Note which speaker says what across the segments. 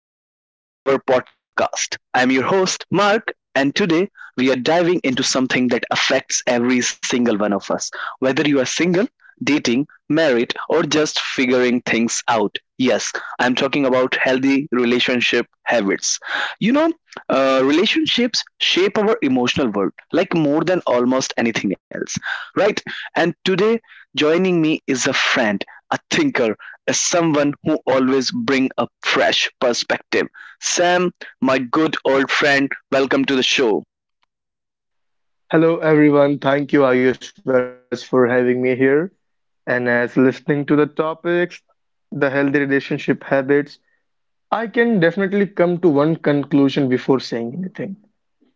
Speaker 1: another episode of our podcast. I'm your host, Mark, and today we are diving into something that affects every single one of us, whether you are single, dating, married, or just figuring things out. Yes, I'm talking about healthy relationship habits. You know, relationships shape our emotional world like more than almost anything else, right? And today, joining me is a friend, a thinker, is someone who always bring a fresh perspective. Sam, my good old friend, welcome to the show.
Speaker 2: Hello, everyone. Thank you, Ayush, very much for having me here. And as listening to the topics, the healthy relationship habits, I can definitely come to one conclusion before saying anything.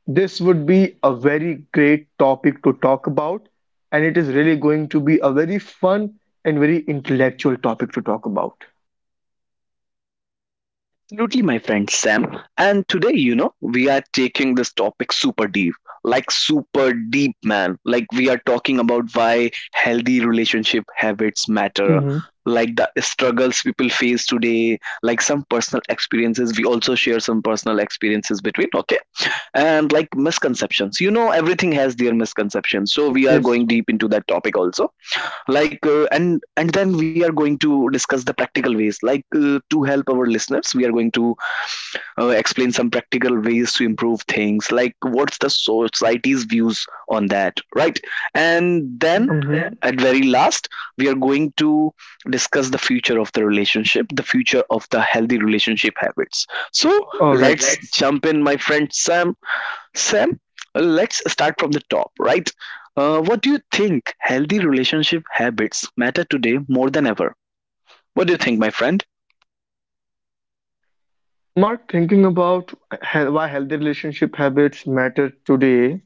Speaker 2: This would be a very great topic to talk about, and it is really going to be a very fun and very intellectual topic to talk about.
Speaker 1: Absolutely, my friend Sam. And today, you know, we are taking this topic super deep, like super deep, man. Like, we are talking about why healthy relationship habits matter,
Speaker 2: Mm-hmm.
Speaker 1: like the struggles people face today, like some personal experiences. We also share some personal experiences between, okay? And like misconceptions. You know, everything has their misconceptions. So, we are going
Speaker 2: Yes.
Speaker 1: deep into that topic also. Like and then we are going to discuss the practical ways, like to help our listeners. We are going to explain some practical ways to improve things, like what's the society's views on that, right? And then
Speaker 2: Mm-hmm.
Speaker 1: at very last we are going to discuss the future of the relationship, the future of the healthy relationship habits. So
Speaker 2: All right.
Speaker 1: let's jump in, my friend Sam. Sam, let's start from the top, right? What do you think healthy relationship habits matter today more than ever? What do you think, my friend?
Speaker 2: Mark, thinking about why healthy relationship habits matter today.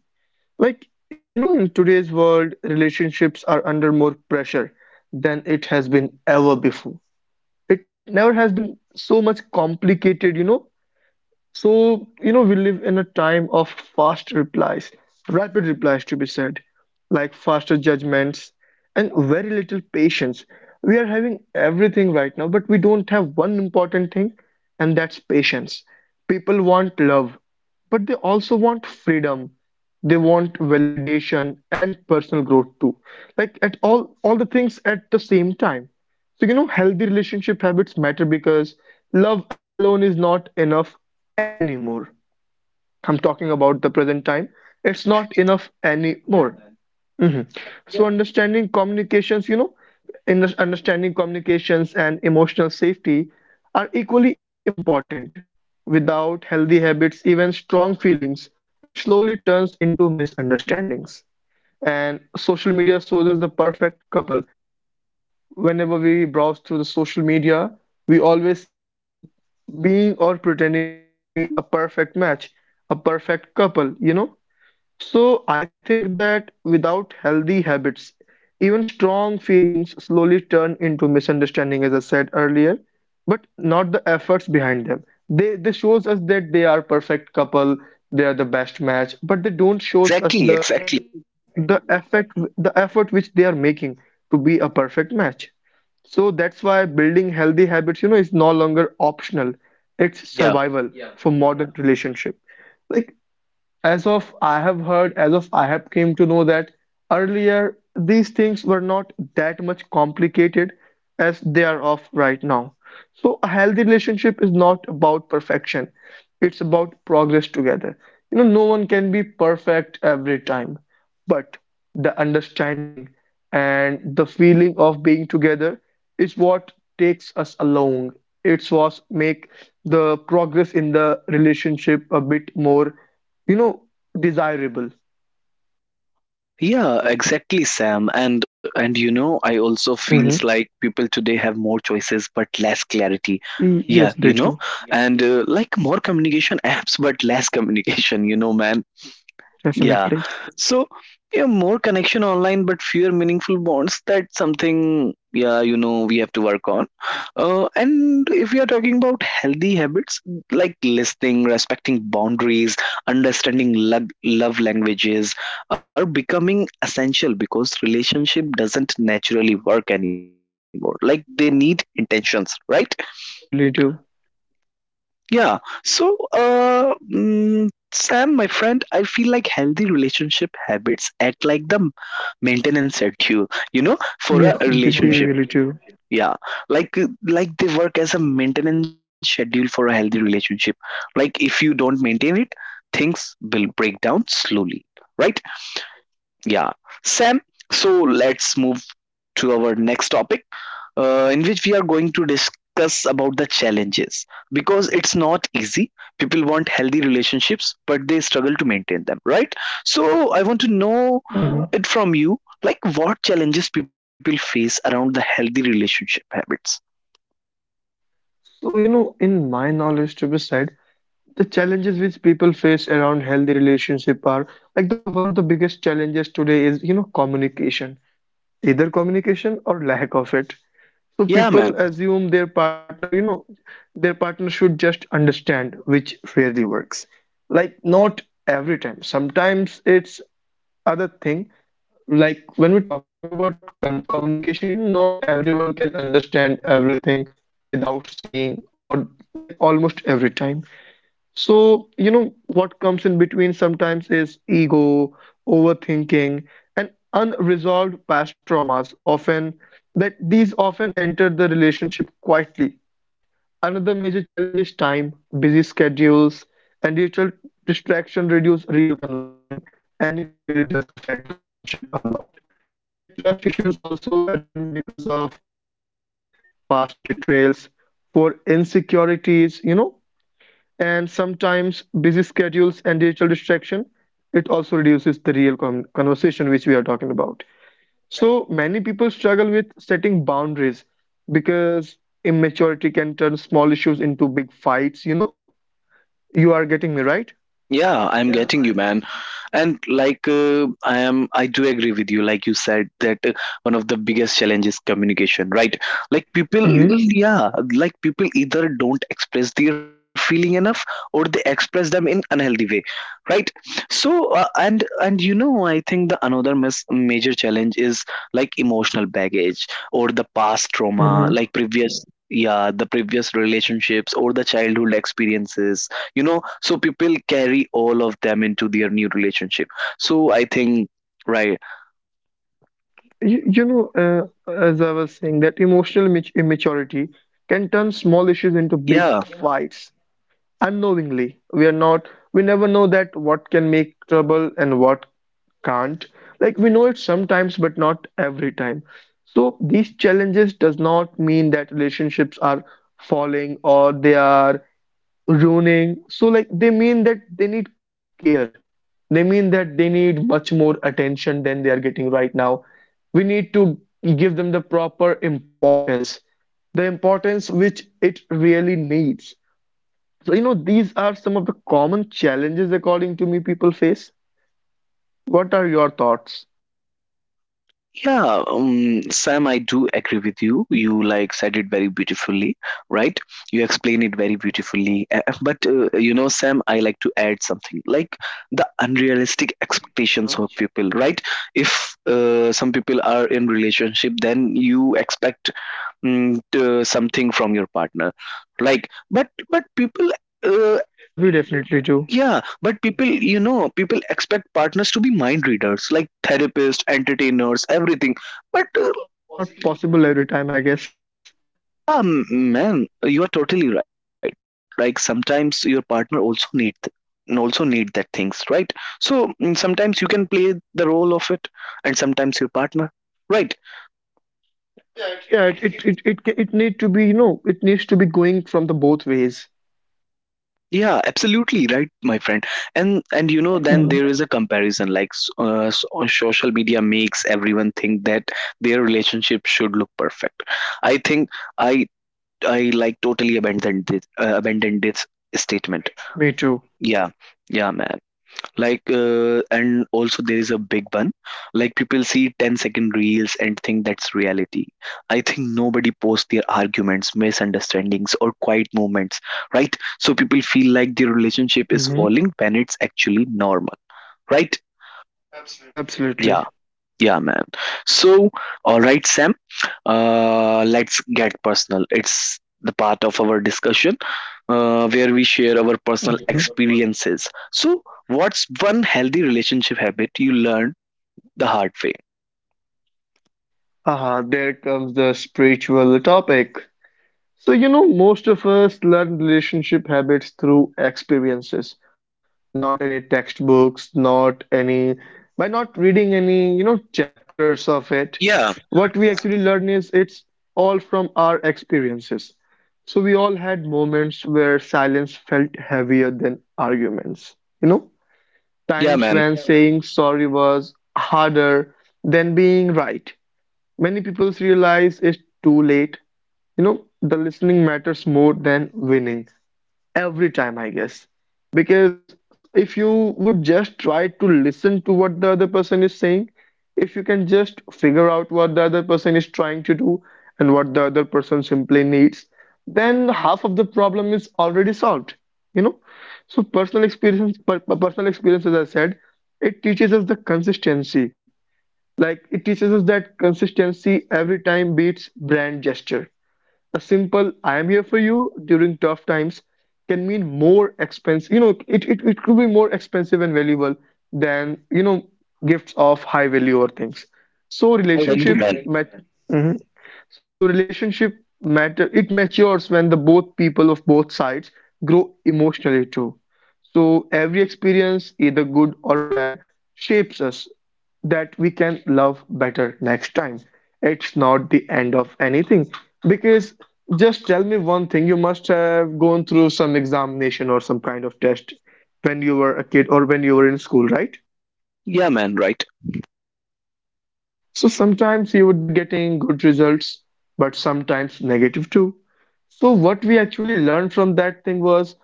Speaker 2: Like, in today's world, relationships are under more pressure than it has been ever before. It never has been so much complicated, so, we live in a time of fast replies, rapid replies to be said, like faster judgments and very little patience. We are having everything right now, but we don't have one important thing, and that's patience. People want love, but they also want freedom. They want validation and personal growth too. Like at all the things at the same time. So, healthy relationship habits matter because love alone is not enough anymore. I'm talking about the present time. It's not enough anymore. Hmm. So, understanding communications, in understanding communications and emotional safety are equally important. Without healthy habits, even strong feelings, it slowly turns into misunderstandings. And social media shows us the perfect couple. Whenever we browse through the social media, we always see someone being or pretending to be a perfect match, a perfect couple. So I think that without healthy habits, even strong feelings slowly turn into misunderstanding, as I said earlier, but not the efforts behind them. They this shows us that they are perfect couple, they are the best match, but they don't shows us
Speaker 1: Exactly,
Speaker 2: the
Speaker 1: exactly.
Speaker 2: you know the effect the effort which they are making to be a perfect match. So that's why building healthy habits, is no longer optional. It's
Speaker 1: Yeah.
Speaker 2: survival for modern relationship. Like as of I have came to know that earlier these things were not that much complicated as they are of right now. So a healthy relationship is not about perfection. It's about progress together. No one can be perfect every time, but the understanding and the feeling of being together is what takes us along. It's what make the progress in the relationship a bit more you know desirable.
Speaker 1: Yeah, exactly, Sam. And you know, I also feels
Speaker 2: Hmm.
Speaker 1: like people today have more choices but less clarity.
Speaker 2: Yes,
Speaker 1: Yeah,
Speaker 2: they
Speaker 1: you know,
Speaker 2: do.
Speaker 1: and like more communication apps but less communication, you know, man. Yeah.
Speaker 2: Definitely.
Speaker 1: So, yeah, more connection online, but fewer meaningful bonds. That's something, yeah, you know, we have to work on. And if we are talking about healthy habits like listening, respecting boundaries, understanding love languages are becoming essential because relationship doesn't naturally work anymore. Like they need intentions, right?
Speaker 2: Yeah, they really do.
Speaker 1: Yeah. So, Sam, my friend, I feel like healthy relationship habits act like the maintenance schedule, you know, for a
Speaker 2: Yes, they
Speaker 1: relationship.
Speaker 2: really do.
Speaker 1: Yeah, like they work as a maintenance schedule for a healthy relationship. Like, if you don't maintain it, things will break down slowly, right?
Speaker 2: Hmm.
Speaker 1: Yeah,
Speaker 2: Right.
Speaker 1: Sam. So let's move to our next topic, in which we are going to discuss about the challenges, because it's not easy. People want healthy relationships but they struggle to maintain them, right? So I want to know
Speaker 2: hmm
Speaker 1: it from you, like what challenges people face around the healthy relationship habits.
Speaker 2: So, in my knowledge, to be said, the challenges which people face around healthy relationship are like the one of the biggest challenges today is, communication, either communication or lack of it. So
Speaker 1: Yeah, man.
Speaker 2: people assume their partner should just understand, which rarely works. Like not every time. Sometimes it's other thing, like when we're talking about con communication, not everyone can understand everything without saying for, like, almost every time. So, what comes in between sometimes is ego, overthinking, and unresolved past traumas often, that these often enter the relationship quietly. Another major challenge is time, busy schedules, and digital distraction reduce real conversation, and it really does affect the relationship a lot. Like trust issues also arises because of comparison, past betrayals, for insecurities, and sometimes busy schedules and digital distraction, it also reduces the real conversation which we are talking about. So many people struggle with setting boundaries because immaturity can turn small issues into big fights, you know? You are getting me right?
Speaker 1: Yeah, I'm getting you, man. And like I am, I do agree with you. Like you said that one of the biggest challenges communication, right? Like people,
Speaker 2: Hmm.
Speaker 1: yeah, like people either don't express their feeling enough or they express them in unhealthy way, right? So and you know, I think the another major challenge is like emotional baggage or the past trauma,
Speaker 2: Hmm.
Speaker 1: like previous. Yeah, the previous relationships or the childhood experiences, you know, so people carry all of them into their new relationship. So I think, right?
Speaker 2: You, you know, as I was saying, that emotional immaturity can turn small issues into big
Speaker 1: Yeah.
Speaker 2: fights. Unknowingly. We are not, we never know that what can make trouble and what can't. Like we know it sometimes, but not every time. So these challenges does not mean that relationships are falling or they are ruining. So, like, they mean that they need care. They mean that they need much more attention than they are getting right now. We need to give them the proper importance, the importance which it really needs. So, these are some of the common challenges, according to me, people face. What are your thoughts?
Speaker 1: Yeah, Sam, I do agree with you.
Speaker 2: Hmm.
Speaker 1: You like said it very beautifully, right? You explain it very beautifully. But you know, Sam, I like to add something like the unrealistic expectations of people, right? If some people are in relationship, then you expect something from your partner, like but people, uh,
Speaker 2: Yeah, we definitely do.
Speaker 1: yeah, but people, you know, people expect partners to be mind readers, like therapists, entertainers, everything. But
Speaker 2: It's not possible every time, I guess.
Speaker 1: Man, you are totally right. Like sometimes your partner also need also need that things, right? So, sometimes you can play the role of it, and sometimes your partner, right?
Speaker 2: Yeah, it needs to be going from the both ways.
Speaker 1: Yeah, absolutely right, my friend. And you know, then
Speaker 2: Mhm.
Speaker 1: there is a comparison. Like on social media makes everyone think that their relationship should look perfect. I think I I like totally abandoned this statement.
Speaker 2: Me too.
Speaker 1: Yeah, yeah, man, like and also there is a big one. Like people see 10 second reels and think that's reality. I think nobody posts their arguments, misunderstandings, or quiet moments, right? So people feel like their relationship is
Speaker 2: Hmm.
Speaker 1: falling when it's actually normal, right?
Speaker 2: Absolutely.
Speaker 1: Yeah, yeah, man. So, all right, Sam, let's get personal. It's the part of our discussion where we share our
Speaker 2: Hmm.
Speaker 1: personal experiences. So, what's one healthy relationship habit you learned the hard way?
Speaker 2: Ah, there comes the spiritual topic. So, most of us learn relationship habits through experiences. Not any textbooks, not any, by not reading any, chapters of it.
Speaker 1: Yeah,
Speaker 2: What we, yeah, actually learn is it's all from our experiences. So we all had moments where silence felt heavier than arguments, you know,
Speaker 1: yeah,
Speaker 2: times
Speaker 1: man.
Speaker 2: when, yeah, saying sorry was harder than being right. Many people realize it's too late. The listening matters more than winning every time, I guess. Because if you would just try to listen to what the other person is saying, if you can just figure out what the other person is trying to do and what the other person simply needs, then half of the problem is already solved, you know? So personal experience, as I said, it teaches us the consistency. Like it teaches us that consistency every time beats brand gesture. A simple "I am here for you" during tough times can mean more expense. It could be more expensive and valuable than, gifts of high value or things. So
Speaker 1: I agree,
Speaker 2: relationship
Speaker 1: man.
Speaker 2: met. So relationship matter, it matures when the both people of both sides grow emotionally too. So every experience, either good or bad, shapes us that we can love better next time. It's not the end of anything, because just tell me one thing, you must have gone through some examination or some kind of test when you were a kid or when you were in school, right?
Speaker 1: Yeah, man, right.
Speaker 2: So sometimes you would be getting good results, but sometimes negative too. So, what we actually learned from that thing was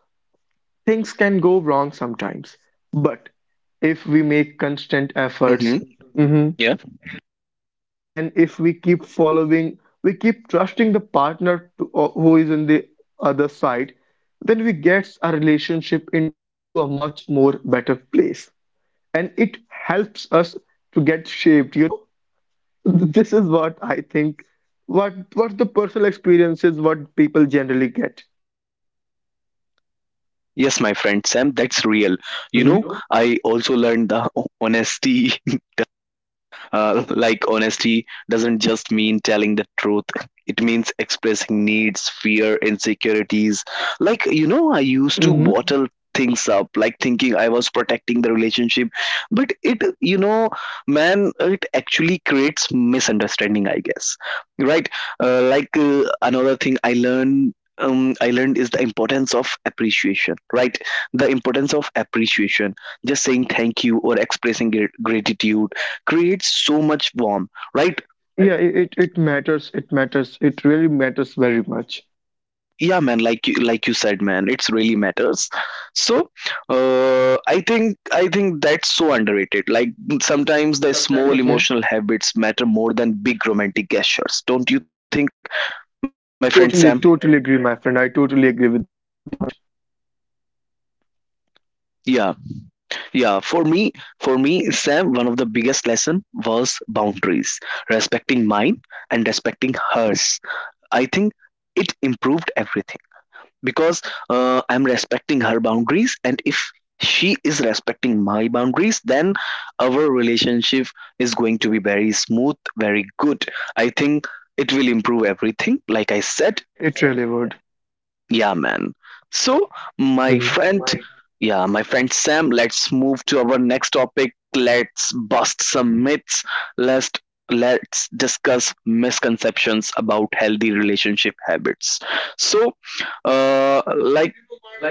Speaker 2: things can go wrong sometimes, but if we make constant efforts,
Speaker 1: Hmm.
Speaker 2: mhm,
Speaker 1: Yeah.
Speaker 2: and if we keep following, we keep trusting the partner to, who is in the other side, then we gets our relationship into a much more better place, and it helps us to get shaped. This is what I think. What what the personal experience is, what people generally get.
Speaker 1: Yes, my friend Sam, that's real. You know,
Speaker 2: Mhm,
Speaker 1: I also learned the honesty. Like honesty doesn't just mean telling the truth. It means expressing needs, fear, insecurities. Like, you know, I used to
Speaker 2: mhm.
Speaker 1: bottle things up, like thinking I was protecting the relationship. But it, you know, man, it actually creates misunderstanding, I guess. Right? Another thing I learned. I learned is the importance of appreciation, right? The importance of appreciation, just saying thank you or expressing gratitude creates so much warmth, right?
Speaker 2: Yeah, it matters. It matters. It really matters very much.
Speaker 1: Yeah, man, like you said, man, it's really matters. So, I think that's so underrated, like sometimes the small
Speaker 2: Mhm.
Speaker 1: emotional habits matter more than big romantic gestures, don't you think, my friend Sam?
Speaker 2: Totally, totally agree, my friend. I totally agree with the point.
Speaker 1: Yeah, yeah. For me, Sam, one of the biggest lesson was boundaries, respecting mine and respecting hers. I think it improved everything, because I'm respecting her
Speaker 2: hmm
Speaker 1: boundaries, and if she is respecting my boundaries, then our relationship is going to be very smooth, very good. I think it will improve everything, like I said.
Speaker 2: It really would.
Speaker 1: Yeah, man. So, my
Speaker 2: Mhm.
Speaker 1: friend, yeah, my friend Sam, let's move to our next topic. Let's bust some myths. let's let's discuss misconceptions about healthy relationship habits. So, like,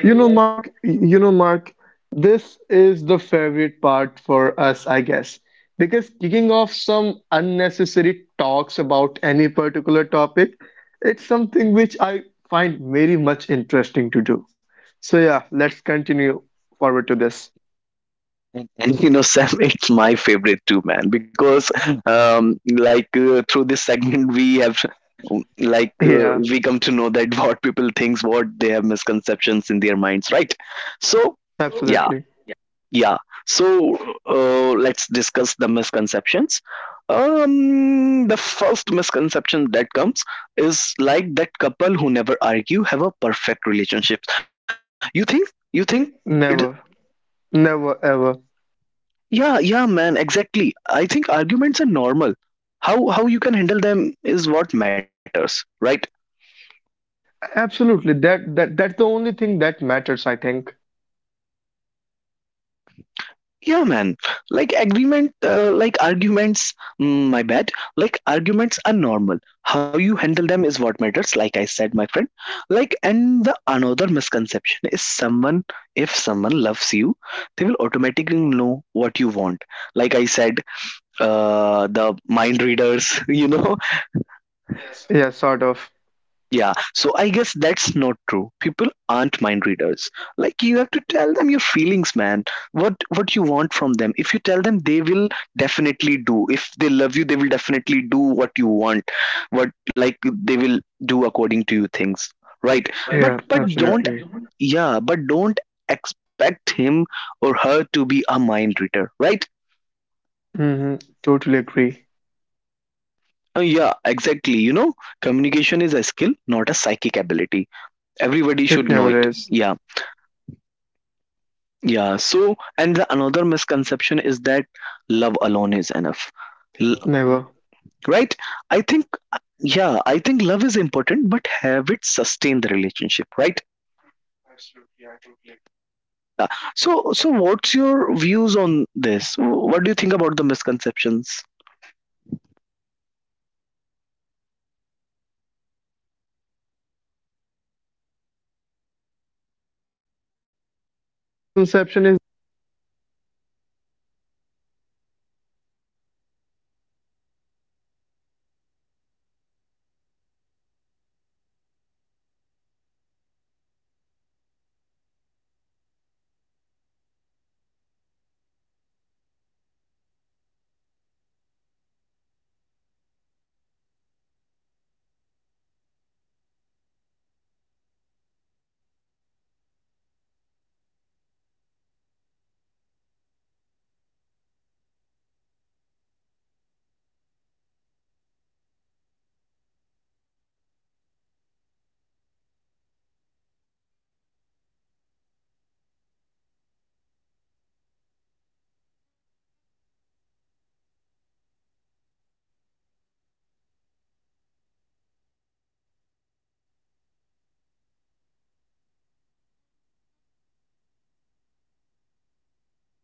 Speaker 2: Mark, this is the favorite part for us, I guess, because kicking off some unnecessary talks about any particular topic, it's something which I find very much interesting to do. So yeah, let's continue forward to this.
Speaker 1: and you know, Sam, it's my favorite too, man, because um through this segment we have, like
Speaker 2: Yeah.
Speaker 1: we come to know that what people thinks, what they have misconceptions in their minds, right? So, yeah,
Speaker 2: Absolutely.
Speaker 1: yeah. So let's discuss the misconceptions. Um, the first misconception that comes is like that couple who never argue have a perfect relationship. You think? You think?
Speaker 2: Never, never, ever.
Speaker 1: Yeah, yeah, man, exactly. I think arguments are normal. How you can handle them is what matters, right?
Speaker 2: Absolutely. That's the only thing that matters, I think.
Speaker 1: Yeah, man. Like agreement, like arguments. Mm, my bad. Like arguments are normal. How you handle them is what matters. Like I said, my friend. Like, and the another misconception is someone if someone loves you, they will automatically know what you want. Like I said, the mind readers. You know,
Speaker 2: Yeah, sort of.
Speaker 1: yeah, so I guess that's not true. People aren't mind readers. Like you have to tell them your feelings, man. What you want from them. If you tell them, they will definitely do. If they love you, they will definitely do what you want. What, like, they will do according to you things, right? But
Speaker 2: Yeah,
Speaker 1: but don't
Speaker 2: absolutely.
Speaker 1: yeah, but don't expect him or her to be a mind reader, right?
Speaker 2: Mm-hmm. Totally agree.
Speaker 1: Yeah, exactly. You know, communication is a skill, not a psychic ability. Everybody
Speaker 2: It
Speaker 1: should know
Speaker 2: never
Speaker 1: it.
Speaker 2: is.
Speaker 1: Yeah. Yeah, so and the another misconception is that love alone is enough. L-
Speaker 2: Never.
Speaker 1: right? I think, yeah,
Speaker 2: Absolutely.
Speaker 1: I think love is important, but have it sustain the relationship, right?
Speaker 2: Mm-hmm. Absolutely. I totally agree.
Speaker 1: So, so what's your views on this? What do you think about the misconceptions?
Speaker 2: Yeah, Mark, thinking about misconceptions about healthy relationship habits, a common misconception is that, healthy relationship has no fights, as you earlier mentioned, but in reality healthy couple fight, but they fight fair, not like they beat themselves. Another myth is that love should always feel exciting. Truth is the you know that stability often looks boring from outside. People also believe compromises meaning yourself, when actually it means respecting both sides. Some think that being independent means not needing anyone. But independent means not needing anyone is not something which we should really think. It creates emotional distance. There's also a belief that, jealousy equals love. Never. It does not. The truth is, these misconceptions damage relationships silently. They you know they get the relationship burst out from inside slowly. And what we can do is, instead of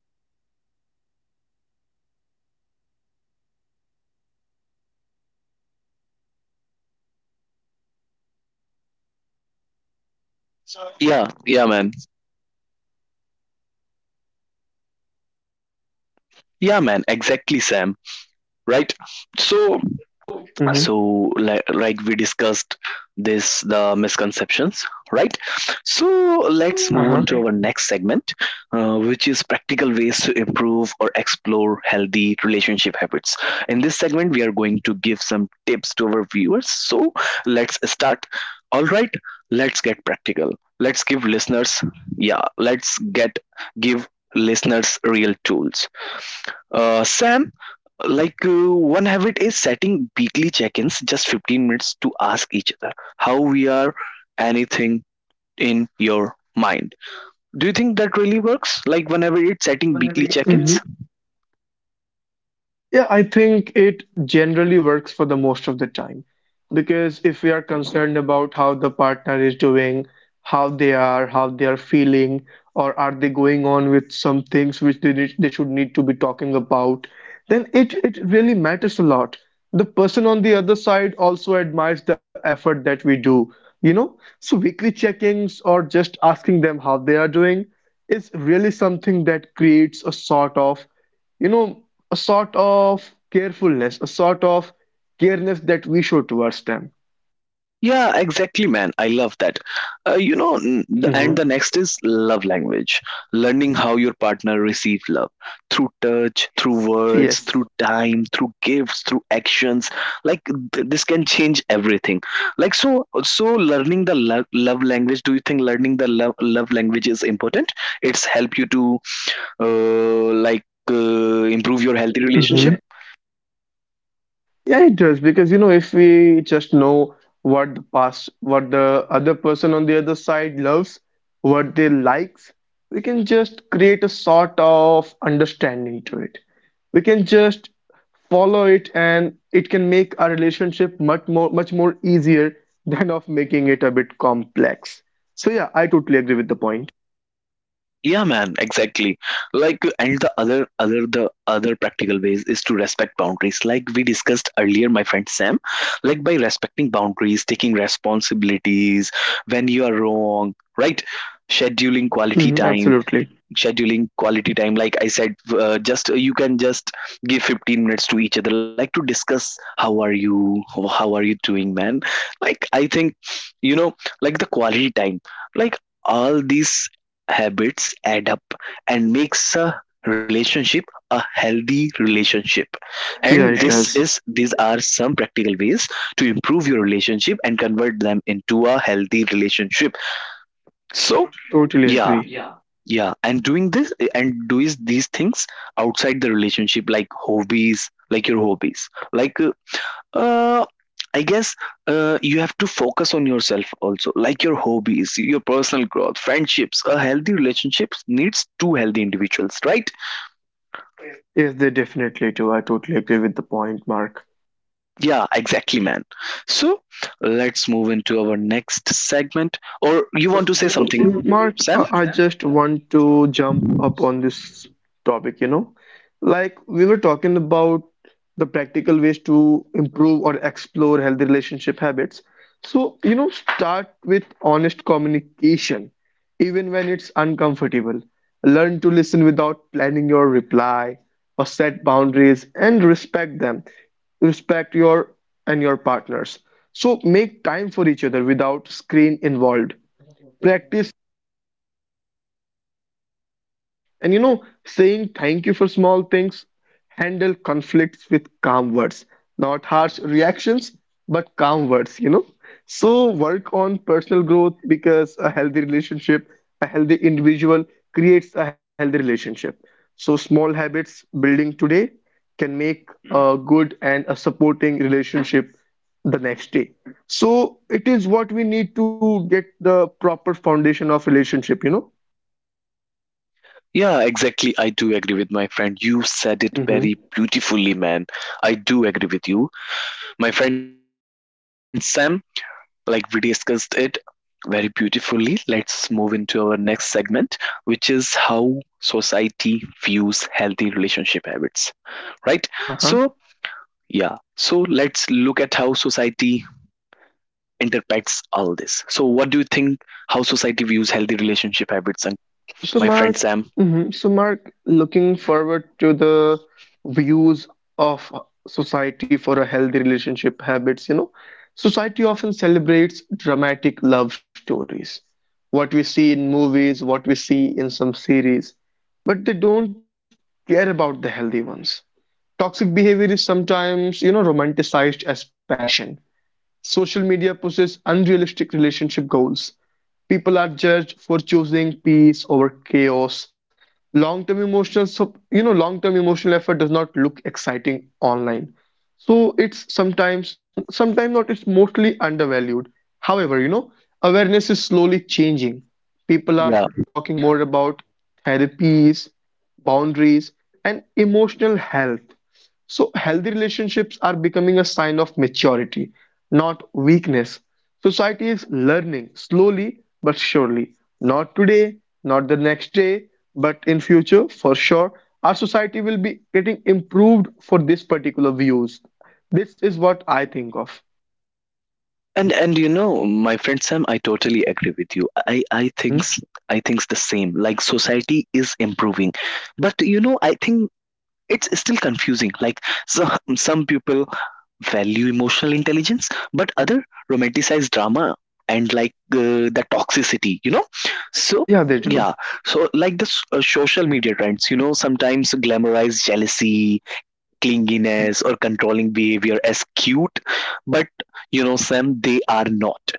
Speaker 2: acting to it, instead of arguing on this, we can simply understand each of us, we can understand what each and every one of us are trying to say or trying to do, and this is how,
Speaker 1: Yeah, yeah, man.
Speaker 2: yeah, the truth saves them. And we can totally save our relationship.
Speaker 1: Yeah, man, exactly, Sam, right? So,
Speaker 2: Hmm.
Speaker 1: so like we discussed this, the misconceptions, right? So let's
Speaker 2: Uh-huh.
Speaker 1: move on to our next segment, which is practical ways to improve or explore healthy relationship habits. In this segment we are going to give some tips to our viewers. So let's start. All right, let's get practical. Let's give listeners,
Speaker 2: all
Speaker 1: yeah, let's get give listeners real tools. Sam, like one habit is setting weekly check-ins, just 15 minutes to ask each other how we are, anything in your mind. Do you think that really works, like whenever it's setting weekly check-ins?
Speaker 2: Yeah, I think it generally works for the most of the time, because if we are concerned about how the partner is doing, how they are feeling, or are they going on with some things which they should need to be talking about, then it really matters a lot. The person on the other side also admires the effort that we do. So weekly check-ins or just asking them how they are doing is really something that creates a sort of you know a sort of carefulness, a sort of careness that we show towards them.
Speaker 1: Yeah, exactly, man. I love that. You know,
Speaker 2: Hmm.
Speaker 1: and the next is love language, learning how your partner receive love through touch, through words, through
Speaker 2: Yes.
Speaker 1: time, through gifts, through actions. Like this can change everything. Like, so, so learning the love language. Do you think learning the love language is important? It's help you to uh, like improve your healthy
Speaker 2: Hmm.
Speaker 1: relationship.
Speaker 2: Yeah, it does, because you know if we just know what the past, what the other person on the other side loves, what they likes, we can just create a sort of understanding to it. We can just follow it, and it can make our relationship much more easier than of making it a bit complex. So yeah, I totally agree with the point.
Speaker 1: Yeah, man, exactly. Like, and the other practical ways is to respect boundaries. Like we discussed earlier, my friend Sam, like by respecting boundaries, taking responsibilities when you are wrong, right? Scheduling quality
Speaker 2: Hmm.
Speaker 1: time,
Speaker 2: Absolutely.
Speaker 1: scheduling quality time like I said just you can just give 15 minutes to each other like to discuss how are you doing, man. Like i think you know like the quality time, like all these habits add up and makes a relationship, a healthy relationship. And
Speaker 2: Yeah, it
Speaker 1: this
Speaker 2: does.
Speaker 1: is these are some practical ways to improve your relationship and convert them into a healthy relationship. So
Speaker 2: Totally
Speaker 1: yeah,
Speaker 2: agree.
Speaker 1: and doing these things outside the relationship, like hobbies, like your hobbies, uh, I guess you have to focus on yourself also, like your hobbies, your personal growth, friendships. A healthy relationship needs two healthy individuals, right?
Speaker 2: Yes, they definitely do. I totally agree with the point, Mark.
Speaker 1: Yeah, exactly, man. So let's move into our next segment. Or you want to say something,
Speaker 2: So, Mark,
Speaker 1: Sam?
Speaker 2: I just want to jump up on this topic, you know. Like we were talking about the practical ways to improve or explore healthy relationship habits. So, you know, start with honest communication, even when it's uncomfortable. Learn to listen without planning your reply, or set boundaries and respect them. Respect your and your partners. So make time for each other without screen involved, practice and, you know, saying thank you for small things, handle conflicts with calm words, not harsh reactions, but calm words, you know. So work on personal growth, because a healthy relationship, a healthy individual creates a healthy relationship. So small habits building today can make a good and a supporting relationship the next day. So it is what we need to get the proper foundation of relationship, you know.
Speaker 1: Yeah, exactly. I do agree with my friend. You said it
Speaker 2: Hmm.
Speaker 1: very beautifully, man. I do agree with you. My friend Sam, like we discussed it very beautifully. Let's move into our next segment, which is how society views healthy relationship habits, right? So,
Speaker 2: Uh-huh.
Speaker 1: yeah. So let's look at how society interprets all this. So, what do you think, how society views healthy relationship habits? And my
Speaker 2: So
Speaker 1: friend
Speaker 2: Mark,
Speaker 1: Sam,
Speaker 2: mhm. So Mark, looking forward to the views of society for a healthy relationship habits, you know, society often celebrates dramatic love stories. What we see in movies, what we see in some series, but they don't care about the healthy ones. Toxic behavior is sometimes, you know, romanticized as passion. Social media pushes unrealistic relationship goals. People are judged for choosing peace over chaos. Long-term emotional, so you know, long-term emotional effort does not look exciting online. So it's sometimes, sometimes not, it's mostly undervalued. However, you know, awareness is slowly changing. People are
Speaker 1: yeah.
Speaker 2: talking, Yeah, more about therapies, boundaries, and emotional health. So, healthy relationships are becoming a sign of maturity, not weakness. Society is learning slowly but surely. Not today, not the next day, but in future, for sure, our society will be getting improved for this particular views. This is what I think of.
Speaker 1: And you know, my friend Sam, I totally agree with you.
Speaker 2: Hmm.
Speaker 1: I thinks the same. Like society is improving, but you know, I think it's still confusing. Like so, some people value emotional intelligence, but other romanticize drama and the toxicity, you know. So
Speaker 2: Yeah, they do.
Speaker 1: yeah, so like the social media trends, you know, sometimes glamorize jealousy,
Speaker 2: Hmm.
Speaker 1: clinginess or controlling behavior as cute, but you know, Sam, they are not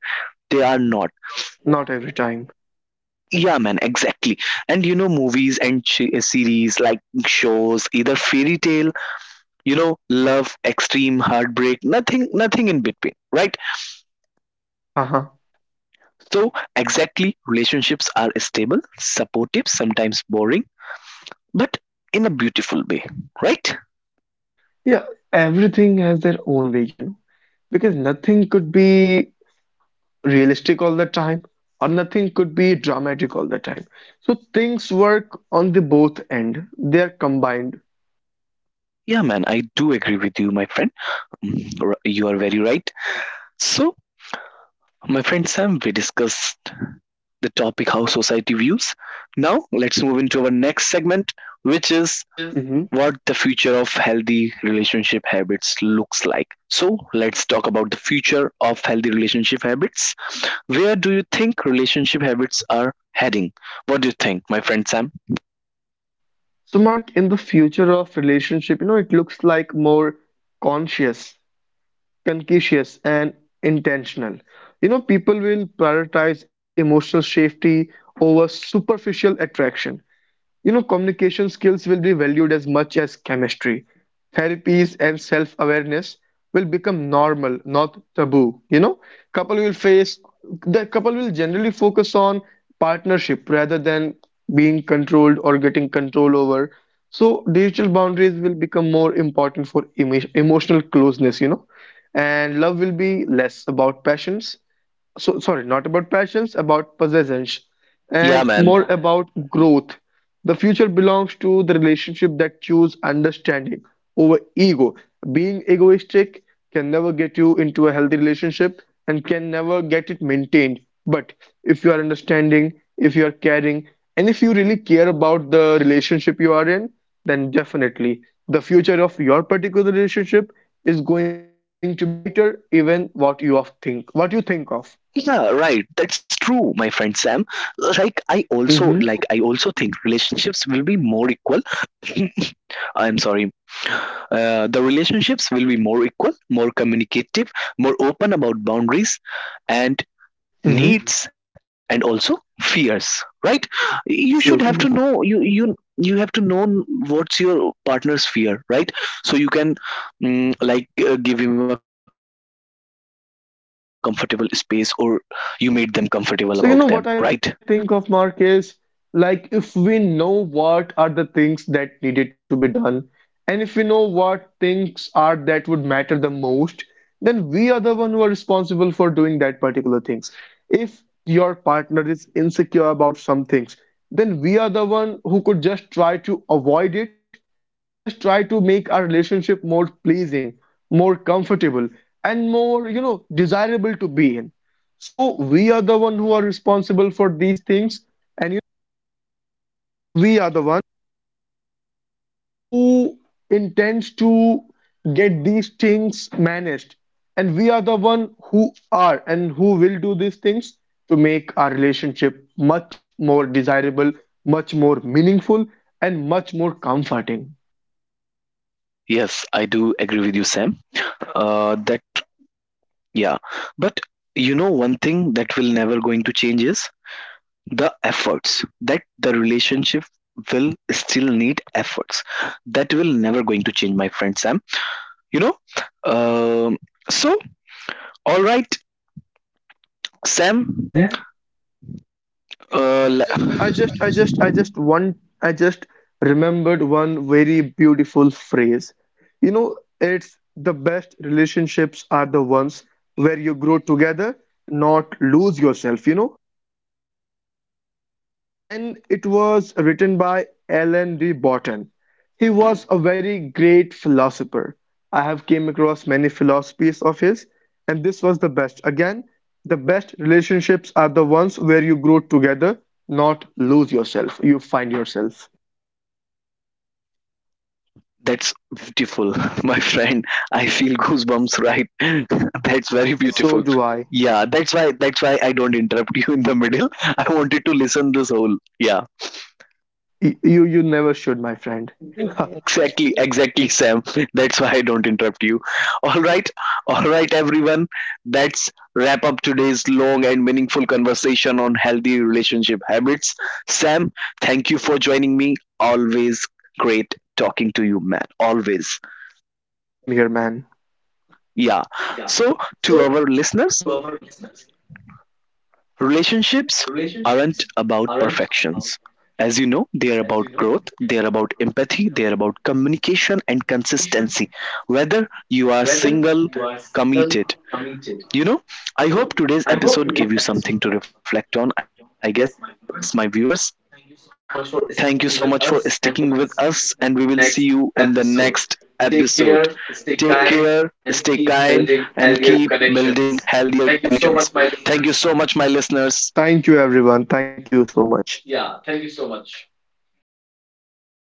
Speaker 1: they are not
Speaker 2: Not every time.
Speaker 1: Yeah, man, exactly. And you know, movies and series, like shows, either fairy tale, you know, love, extreme heartbreak, nothing in between, right?
Speaker 2: Uh-huh.
Speaker 1: So exactly, relationships are stable, supportive, sometimes boring, but in a beautiful way, right?
Speaker 2: Yeah, everything has their own way, you know, because nothing could be realistic all the time, or nothing could be dramatic all the time. So things work on the both end, they are combined.
Speaker 1: Yeah, man, I do agree with you, my friend. You are very right. So my friend Sam, we discussed the topic how society views. Now, let's move into our next segment, which is
Speaker 2: Mhm.
Speaker 1: what the future of healthy relationship habits looks like. So, let's talk about the future of healthy relationship habits. Where do you think relationship habits are heading? What do you think, my friend Sam?
Speaker 2: So Mark, in the future of relationship, you know, it looks like more conscious, conscientious and intentional. You know, people will prioritize emotional safety over superficial attraction. You know, communication skills will be valued as much as chemistry. Therapies and self awareness will become normal, not taboo. You know, couple will face the couple will generally focus on partnership rather than being controlled or getting control over. So, digital boundaries will become more important for emotional closeness, you know, and love will be less about passions, so sorry, not about passions, about possessions, and
Speaker 1: Yeah, man.
Speaker 2: more about growth. The future belongs to the relationship that choose understanding over ego. Being egoistic can never get you into a healthy relationship and can never get it maintained. But if you are understanding, if you are caring, and if you really care about the relationship you are in, then definitely the future of your particular relationship is going to be brighter, even what you of think what you think of.
Speaker 1: Yeah, right. That's true, my friend Sam. Like I
Speaker 2: Mm-hmm.
Speaker 1: also like I also think relationships will be more equal. I'm sorry. The relationships will be more equal, more communicative, more open about boundaries and
Speaker 2: Mm-hmm.
Speaker 1: needs and also fears, right? You should have to know,
Speaker 2: Absolutely.
Speaker 1: you have to know what's your partner's fear, right? So you can give him a comfortable space or you made them comfortable about them, right?
Speaker 2: So, you know what I think of, Mark, is like if we know what are the things that needed to be done, and if we know what things are that would matter the most, then we are the one who are responsible for doing that particular things. If your partner is insecure about some things, then we are the one who could just try to avoid it and who could just try to make our relationship more pleasing, more comfortable, and more, you know, desirable to be in. So we are the one who are responsible for these things, and we are the one who intends to get these things managed, and we are the one who are and who will do these things to make our relationship much more desirable, much more meaningful, and much more comforting.
Speaker 1: Yes, I do agree with you, Sam. Uh, that yeah, but you know, one thing that will never going to change is the efforts, that the relationship will still need efforts. That will never going to change, my friend Sam, you know. um so all right, Sam.
Speaker 2: Mhm.
Speaker 1: uh,
Speaker 2: You know, I just, I just, I just one, I just remembered one very beautiful phrase. You know, it's the best relationships are the ones where you grow together, not lose yourself. You know, and it was written by Alan D. Borton. He was a very great philosopher. I have came across many philosophies of his, and this was the best. Again, the best relationships are the ones where you grow together, not lose yourself. You find yourself.
Speaker 1: That's beautiful, my friend. I feel goosebumps, right? That's very
Speaker 2: So
Speaker 1: beautiful.
Speaker 2: do I.
Speaker 1: Yeah, that's why I don't interrupt you in the middle. I wanted to listen this whole. Yeah,
Speaker 2: You you never should, my friend.
Speaker 1: exactly, exactly, Sam. That's why I don't interrupt you. All right, all right, everyone. That's wrap up today's long and meaningful conversation on healthy relationship habits. Sam, thank you for joining me. Always great talking to you, man. Always.
Speaker 2: Same here, man.
Speaker 1: Yeah. So, to our listeners, relationships aren't about perfections. As you know, they are about growth, they are about empathy, they are about communication and consistency. Whether you are single, committed, you know, I hope today's episode gave you something to reflect on. I guess, my viewers, thank you so much for sticking with us, and we will see you in the next episode. Take care, stay kind, and keep building healthier connections. Thank you so much, my listeners.
Speaker 2: Thank you, everyone. Thank you so much.